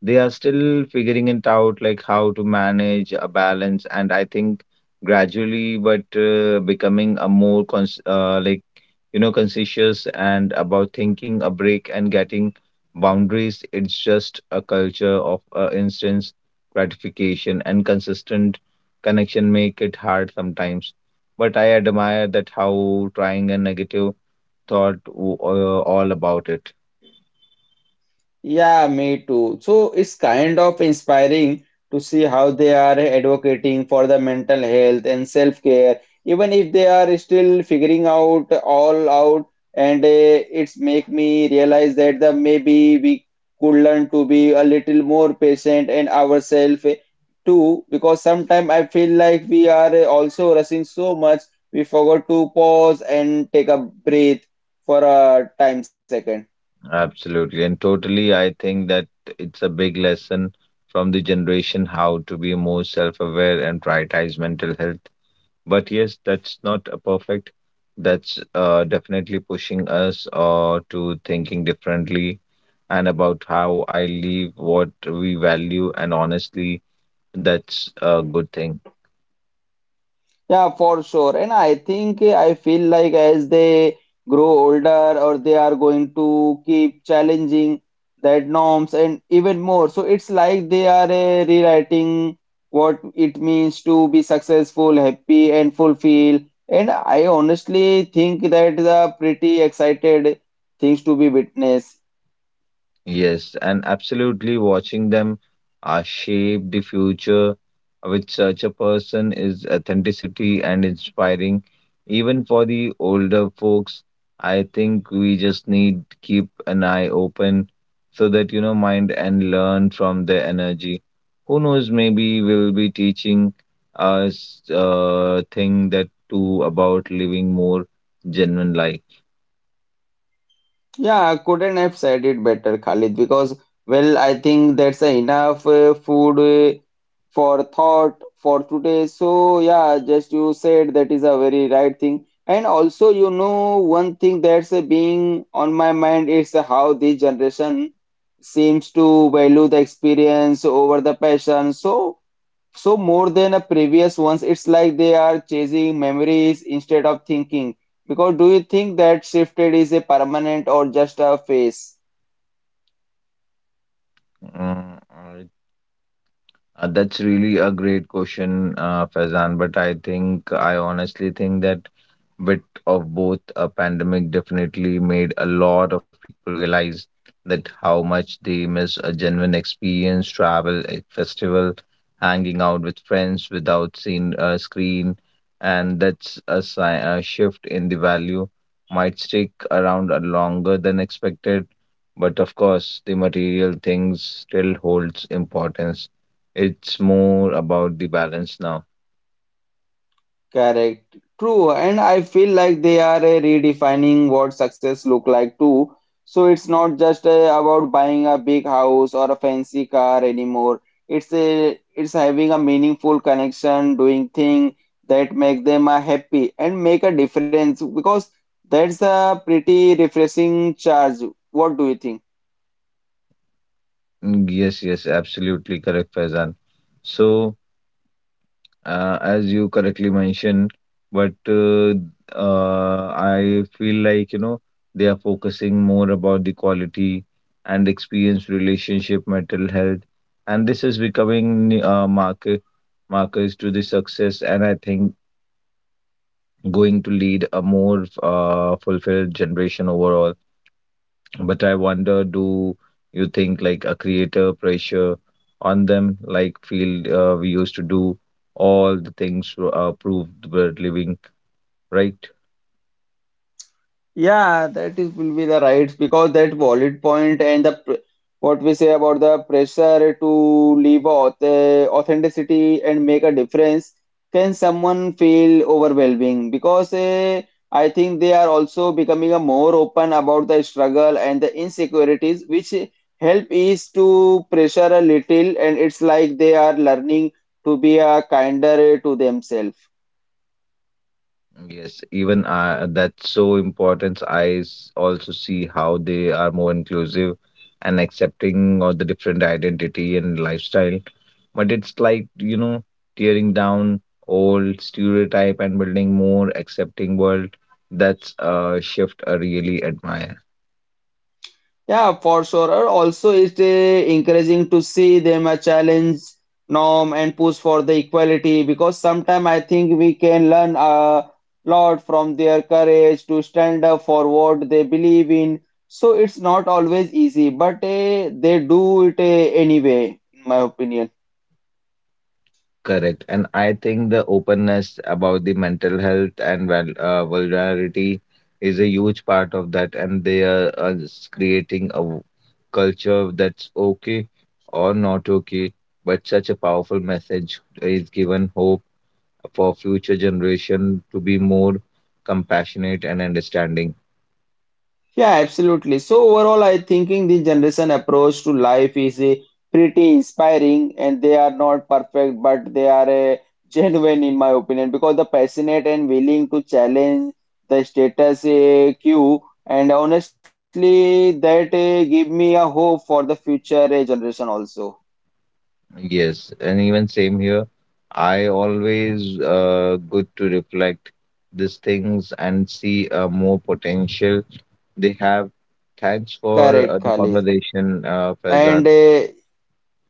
They are still figuring it out like how to manage a balance, and I think gradually but becoming a more conscientious and about thinking a break and getting boundaries. It's just a culture of instance gratification and consistent connection make it hard sometimes, but I admire that how trying a negative thought all about it. Yeah, me too. So it's kind of inspiring to see how they are advocating for the mental health and self-care, even if they are still figuring out all out. And it's make me realize that the maybe we could learn to be a little more patient and ourselves too, because sometimes I feel like we are also rushing so much we forgot to pause and take a breath for a time second. Absolutely. And totally, I think that it's a big lesson from the generation how to be more self aware and prioritize mental health. But yes, that's not a perfect. That's definitely pushing us to thinking differently and about how I live, what we value. And honestly, that's a good thing. Yeah, for sure. And I think I feel like as they grow older or they are going to keep challenging that norms and even more. So it's like they are rewriting what it means to be successful, happy, and fulfilled. And I honestly think that the pretty excited things to be witnessed. Yes, and absolutely watching them shape the future with such a person is authenticity and inspiring. Even for the older folks, I think we just need keep an eye open so that mind and learn from their energy. Who knows, maybe we'll be teaching us a thing that too about living more genuine life. Yeah, I couldn't have said it better, Khalid, because, well, I think that's enough food for thought for today. So, yeah, just you said that is a very right thing. And also, you know, one thing that's being on my mind is how this generation seems to value the experience over the passion. So more than the previous ones, it's like they are chasing memories instead of thinking. Because do you think that shifted is a permanent or just a phase? Mm, that's really a great question, Faizan. But I think, I honestly think that bit of both a pandemic definitely made a lot of people realize that how much they miss a genuine experience, travel, a festival, hanging out with friends without seeing a screen. And that's a, sign, a shift in the value might stick around a longer than expected. But of course, the material things still holds importance. It's more about the balance now. Correct. True. And I feel like they are redefining what success look like too. So it's not just about buying a big house or a fancy car anymore. It's a it's having a meaningful connection, doing thing that make them happy and make a difference, because that's a pretty refreshing charge. What do you think? Mm, yes, yes, absolutely correct, Faizan. So, as you correctly mentioned, but I feel like, you know, they are focusing more about the quality and experience relationship, mental health, and this is becoming market markers to the success, and I think going to lead a more fulfilled generation overall. But I wonder, do you think like a creator pressure on them, like field we used to do all the things proved were living, right? Yeah, that is will be the rights, because that bullet point and the what we say about the pressure to live authenticity and make a difference can someone feel overwhelming, because I think they are also becoming a more open about the struggle and the insecurities which help is to pressure a little and it's like they are learning to be a kinder to themselves. Yes, even that's so important. Also see how they are more inclusive and accepting of the different identity and lifestyle. But it's like, you know, tearing down old stereotype and building more accepting world. That's a shift I really admire. Yeah, for sure. Or also, it's encouraging to see them a challenge norm and push for the equality, because sometimes I think we can learn a lot from their courage to stand up for what they believe in. So it's not always easy, but they do it anyway, in my opinion. Correct. And I think the openness about the mental health and well, vulnerability is a huge part of that. And they are creating a culture that's okay or not okay. But such a powerful message is given hope for future generation to be more compassionate and understanding. Yeah, absolutely. So overall, I thinking the generation approach to life is a pretty inspiring, and they are not perfect, but they are a genuine, in my opinion, because the passionate and willing to challenge the status quo, and honestly, that give me a hope for the future generation also. Yes. And even same here. I always good to reflect these things and see more potential They have. Thanks for Correct, the Khalid. conversation, And Faizan.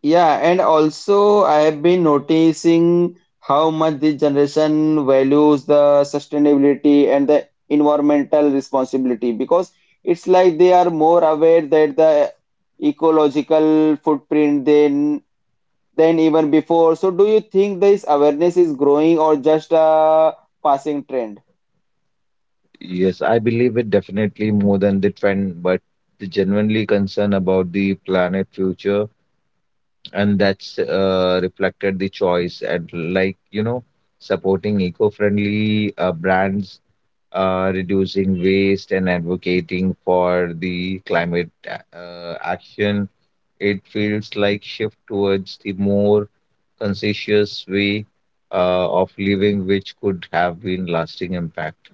yeah, and also I have been noticing how much this generation values the sustainability and the environmental responsibility, because it's like they are more aware that the ecological footprint than even before. So do you think this awareness is growing or just a passing trend? Yes, I believe it definitely more than the trend, but the genuinely concern about the planet future, and that's reflected the choice and, like, you know, supporting eco-friendly brands, reducing waste, and advocating for the climate action. It feels like shift towards the more conscientious way of living, which could have been lasting impact.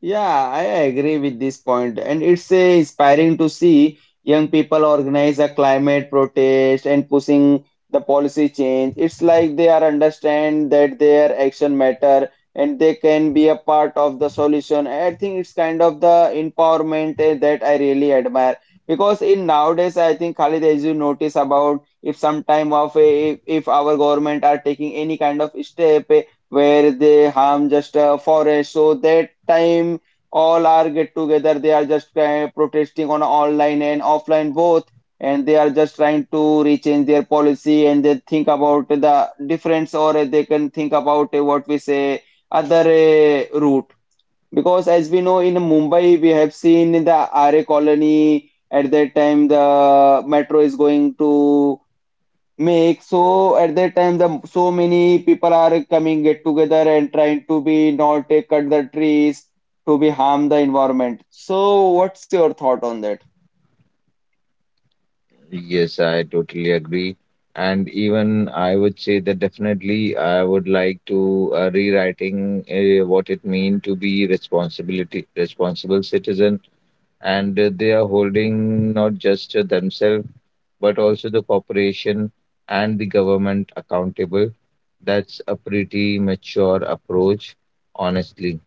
Yeah, I agree with this point, and it's inspiring to see young people organize a climate protest and pushing the policy change. It's like they are understand that their action matter and they can be a part of the solution. I think it's kind of the empowerment that I really admire, because in nowadays, I think, Khalid, as you notice about if some time of a, if our government are taking any kind of step where they harm just a forest. So that time all are get together, they are just protesting on online and offline both, and they are just trying to rechange their policy and they think about the difference or they can think about what we say other route. Because as we know in Mumbai, we have seen in the RA colony at that time the metro is going to make, so at that time the so many people are coming get together and trying to be not take cut the trees to be harm the environment. So what's your thought on that? Yes, I totally agree. And even I would say that definitely I would like to rewriting what it mean to be responsibility responsible citizen. And they are holding not just themselves but also the corporation and the government accountable. That's a pretty mature approach, honestly.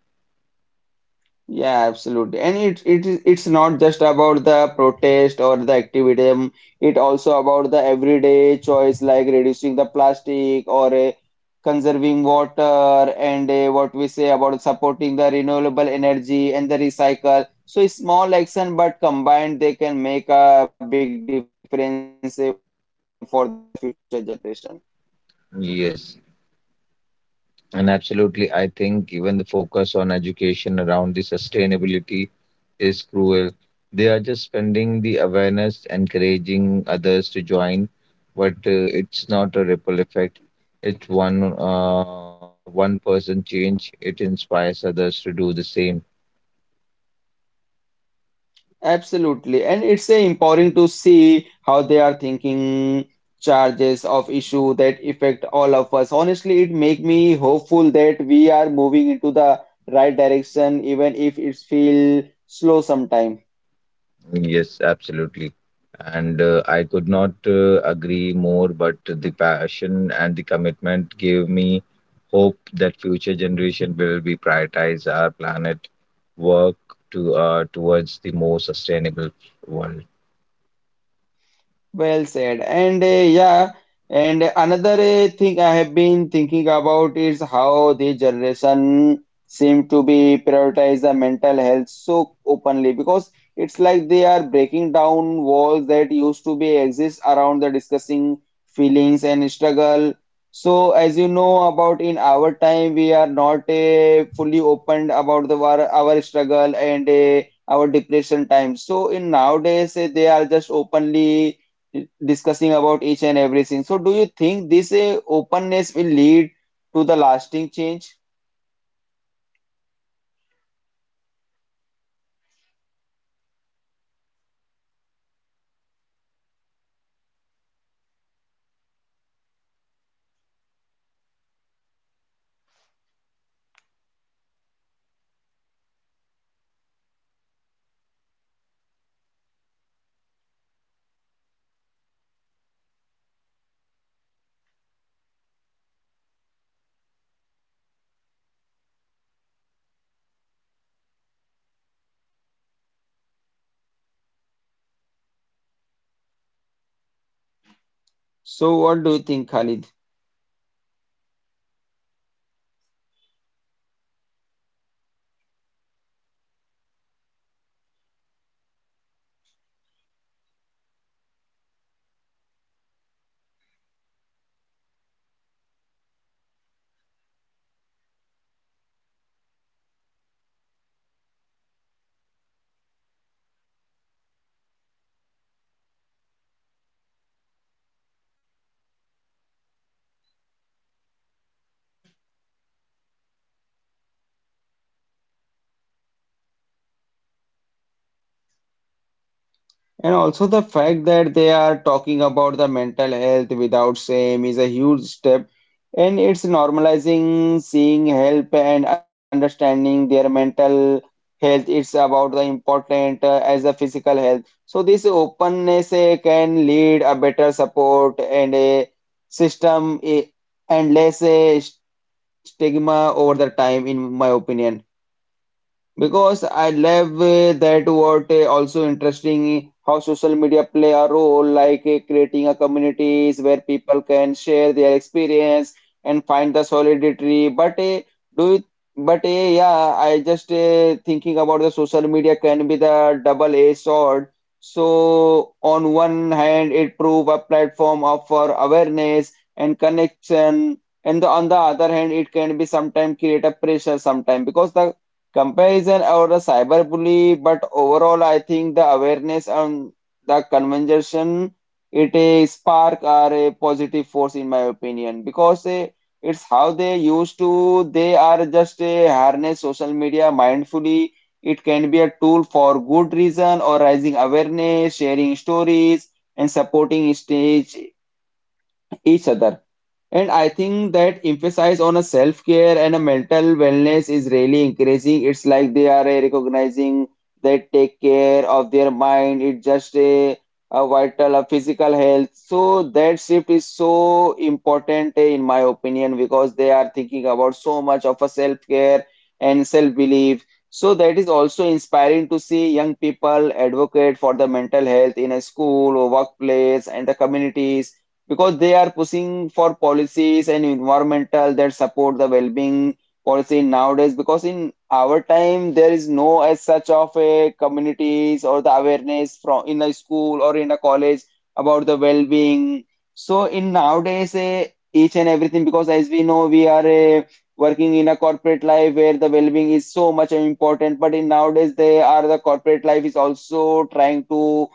Yeah, absolutely. And it is it's not just about the protest or the activism. It also about the everyday choice, like reducing the plastic or conserving water and what we say about supporting the renewable energy and the recycle. So it's small action, but combined they can make a big difference for the future generation. Yes. And absolutely, I think even the focus on education around the sustainability is cruel. They are just spending the awareness, encouraging others to join, but it's not a ripple effect. It's one person change. It inspires others to do the same. Absolutely, and it's a empowering to see how they are thinking charges of issue that affect all of us. Honestly, it make me hopeful that we are moving into the right direction, even if it feel slow sometimes. Yes, absolutely. And I could not agree more, but the passion and the commitment gave me hope that future generation will be prioritize our planet work to towards the more sustainable world. Well said. And yeah, and another thing I have been thinking about is how the generation seem to be prioritize the mental health so openly, because it's like they are breaking down walls that used to be exist around the discussing feelings and struggle. So as you know about in our time, we are not fully opened about the our struggle and our depression time. So in nowadays, they are just openly discussing about each and everything. So, do you think this openness will lead to the lasting change? So, what do you think, Khalid? And also the fact that they are talking about the mental health without shame is a huge step, and it's normalizing seeing help and understanding their mental health. It's about the important as the physical health. So this openness can lead a better support and a system and less stigma over the time, in my opinion. Because I love that what also interesting how social media play a role, like creating a communities where people can share their experience and find the solidarity. But do it, but yeah, I just thinking about the social media can be the double-edged sword. So on one hand, it prove a platform of for awareness and connection, and the, on the other hand, it can be sometimes create a pressure sometimes because the comparison or the cyberbully, but overall, I think the awareness and the conversation it a spark are a positive force in my opinion, because it's how they used to they are just a harness social media mindfully. It can be a tool for good reason or raising awareness, sharing stories, and supporting each other. And I think that emphasis on a self-care and a mental wellness is really encouraging. It's like they are recognizing that take care of their mind. It's just a vital a physical health. So that shift is so important in my opinion, because they are thinking about so much of a self-care and self-belief. So that is also inspiring to see young people advocate for the mental health in a school or workplace and the communities because they are pushing for policies and environmental that support the well-being policy nowadays, because in our time there is no as such of a communities or the awareness from in a school or in a college about the well-being, so in nowadays each and everything, because as we know we are working in a corporate life where the well-being is so much important, but in nowadays they are the corporate life is also trying to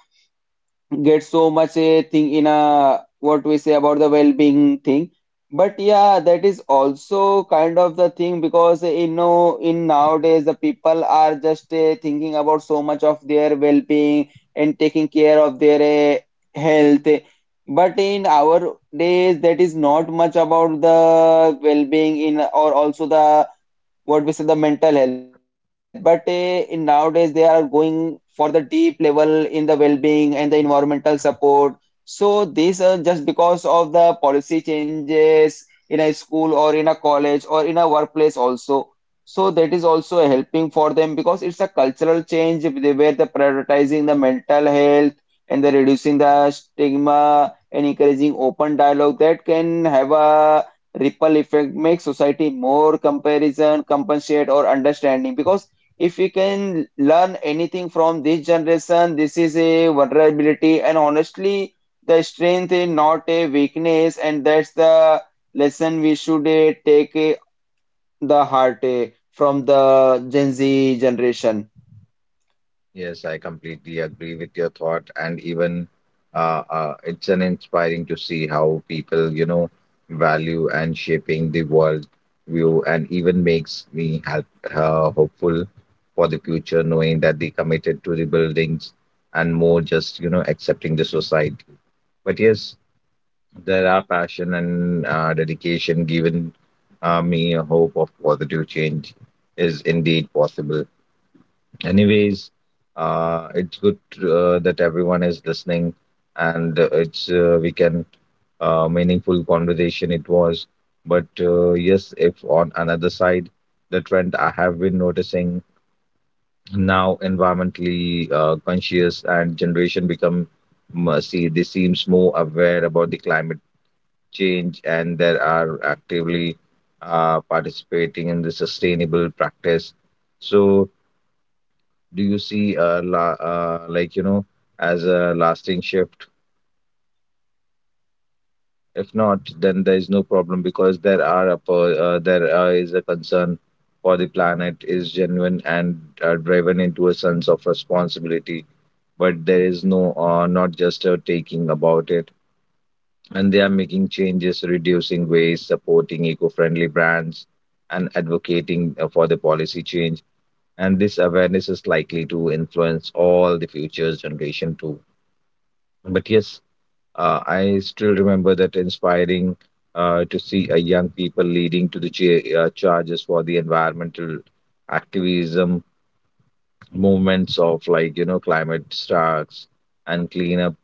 get so much a thing in a what we say about the well-being thing. But yeah, that is also kind of the thing because you know in nowadays the people are just thinking about so much of their well-being and taking care of their health, but in our days that is not much about the well-being in or also the what we say the mental health. But in nowadays they are going for the deep level in the well-being and the environmental support, so these are just because of the policy changes in a school or in a college or in a workplace also, so that is also helping for them because it's a cultural change if they were the prioritizing the mental health and the reducing the stigma and encouraging open dialogue that can have a ripple effect make society more comparison compensate or understanding, because if we can learn anything from this generation, this is a vulnerability and honestly the strength is not a weakness, and that's the lesson we should take the heart from the Gen Z generation. Yes, I completely agree with your thought, and even it's an inspiring to see how people, you know, value and shaping the world view, and even makes me help, hopeful for the future, knowing that they committed to rebuildings and more just, you know, accepting the society. But yes, there are passion and dedication given me a hope of positive change is indeed possible. Anyways, it's good that everyone is listening, and it's we can meaningful conversation it was. But yes, if on another side, the trend I have been noticing now environmentally conscious and generation become see they seems more aware about the climate change and they are actively participating in the sustainable practice. So do you see like you know as a lasting shift? If not then there is no problem because there are a, per- there is a concern for the planet is genuine and driven into a sense of responsibility, but there is not just a taking about it and they are making changes, reducing waste, supporting eco-friendly brands and advocating for the policy change, and this awareness is likely to influence all the future generation too. But yes, I still remember that inspiring to see a young people leading to the charges for the environmental activism movements of like you know climate strikes and cleanup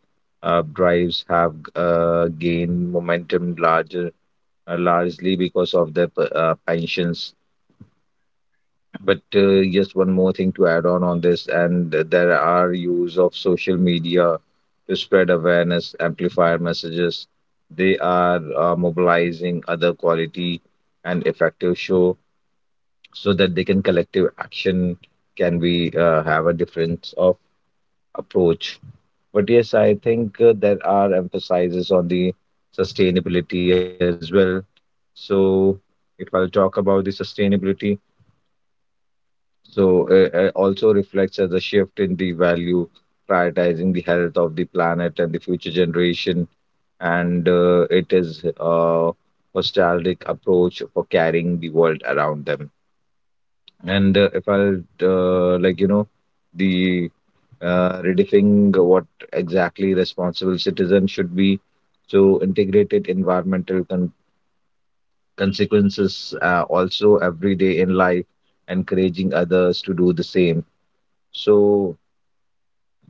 drives have gained momentum larger largely because of their pensions. But just one more thing to add on this, and there are use of social media to spread awareness, amplify messages. They are mobilizing other quality and effective show so that they can collective action can be have a difference of approach. But yes, I think there are emphasizes on the sustainability as well. So if I'll talk about the sustainability, so also reflects as a shift in the value, prioritizing the health of the planet and the future generation. And it is a nostalgic approach for carrying the world around them. And if I'll like you know, the redefining what exactly responsible citizen should be. So integrated environmental consequences also every day in life, encouraging others to do the same. So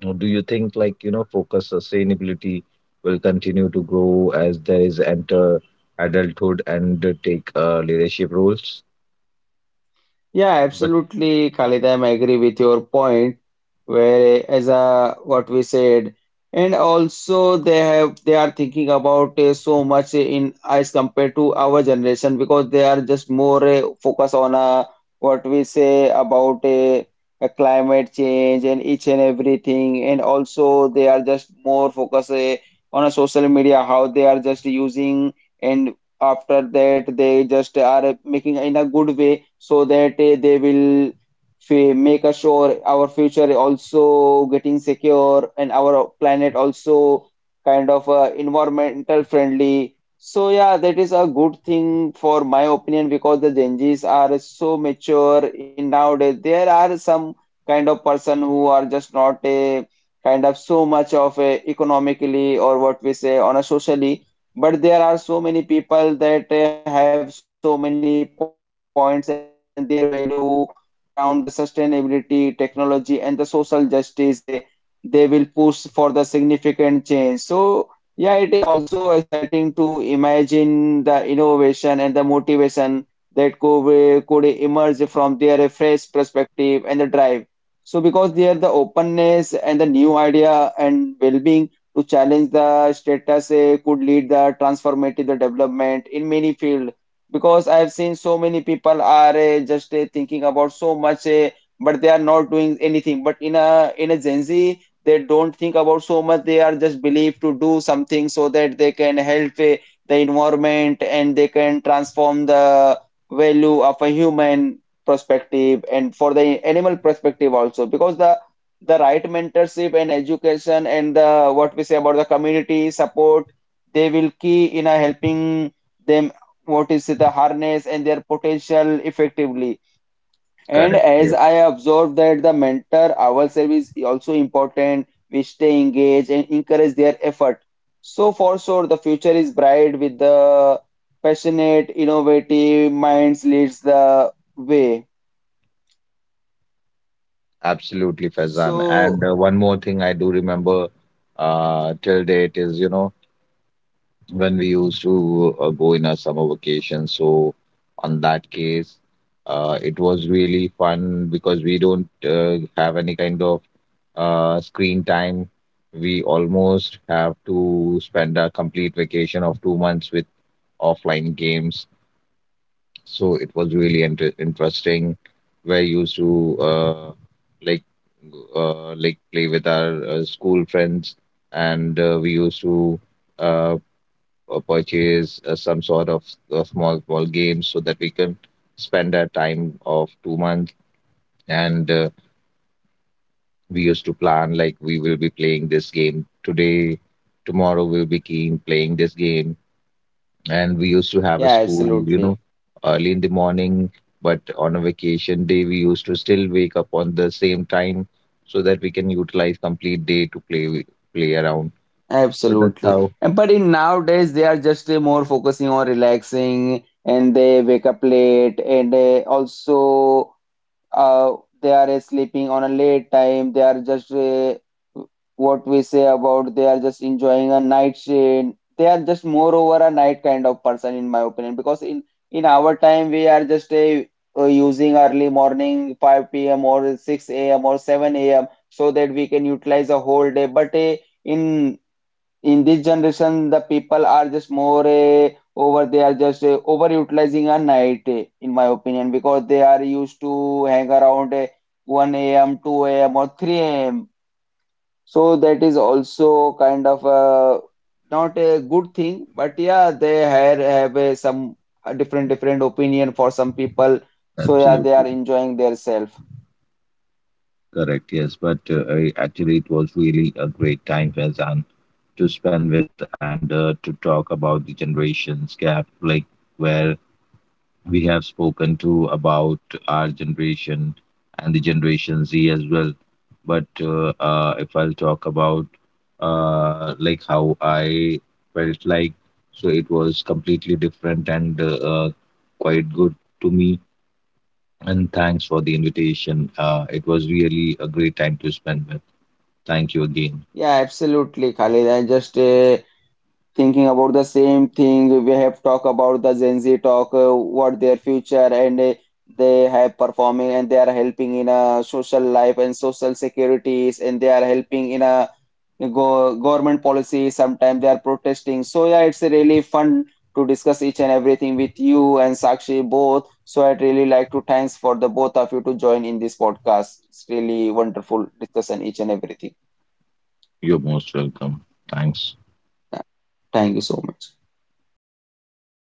or do you think like, you know, focus sustainability will continue to grow as there is enter adulthood and take leadership roles? Yeah, But absolutely, Khalid. I agree with your point. Where as a what we said, and also they have they are thinking about so much in as compared to our generation because they are just more focus on what we say about a climate change and each and everything, and also they are just more focus on a social media how they are just using. And after that they just are making in a good way so that they will make us sure our future also getting secure and our planet also kind of environmental friendly. So yeah, that is a good thing for my opinion because the Gen Zs are so mature in nowadays. There are some kind of person who are just not a kind of so much of a economically or what we say on a socially, but there are so many people that have so many points and their value around the sustainability, technology, and the social justice. They will push for the significant change. So yeah, it is also exciting to imagine the innovation and the motivation that could emerge from their fresh perspective and the drive. So, because there the openness and the new idea and well-being to challenge the status could lead the transformative development in many fields, because I have seen so many people are just thinking about so much but they are not doing anything, but in a Gen Z they don't think about so much, they are just believed to do something so that they can help the environment and they can transform the value of a human perspective and for the animal perspective also, because the right mentorship and education and the what we say about the community support they will key in a helping them what is the harness and their potential effectively. And correct, as yes, I observed that the mentor ourselves is also important, we stay engaged and encourage their effort, so for sure the future is bright with the passionate innovative minds leads the way. absolutely, Faizan. And So one more thing I do remember till date is, you know, when we used to go in a summer vacation. So on that case, it was really fun because we don't have any kind of screen time. We almost have to spend a complete vacation of 2 months with offline games. So it was really interesting. We're used to like like play with our school friends, and we used to uh, or purchase some sort of small small games so that we can spend our time of 2 months, and we used to plan like we will be playing this game today, tomorrow we'll be keen playing this game. And we used to have a yeah, school you absolutely. know early in the morning, but on a vacation day we used to still wake up on the same time so that we can utilize complete day to play play around. So that's Absolutely. how And but in nowadays they are just more focusing on relaxing and they wake up late and also uh, they are sleeping on a late time. They are just what we say about they are just enjoying a night shade. They are just more over a night kind of person in my opinion, because in our time we are just using early morning 5 p.m. or 6 a.m. or 7 a.m. so that we can utilize a whole day. But in this generation the people are just more over they are just overutilizing a night in my opinion, because they are used to hang around 1 a.m 2 a.m or 3 a.m, so that is also kind of not a good thing. But yeah, they have, some different different opinion for some people, so yeah, they absolutely are enjoying their self. correct, yes. But I actually, it was really a great time, Faizan, to spend with, and to talk about the generations gap, like where we have spoken to about our generation and the Generation Z as well. But if I'll talk about like how I felt like, so it was completely different and quite good to me. And thanks for the invitation. It was really a great time to spend with. Thank you again. Yeah, absolutely, Khalid. I just thinking about the same thing. We have talked about the Gen Z talk, what their future and they have performing and they are helping in a social life and social securities and they are helping in a go government policy. Sometimes they are protesting. So yeah, it's really fun to discuss each and everything with you and Sakshi both. So I'd really like to thanks for the both of you to join in this podcast. It's really wonderful discussion each and everything. You're most welcome. Thanks. Thank you so much.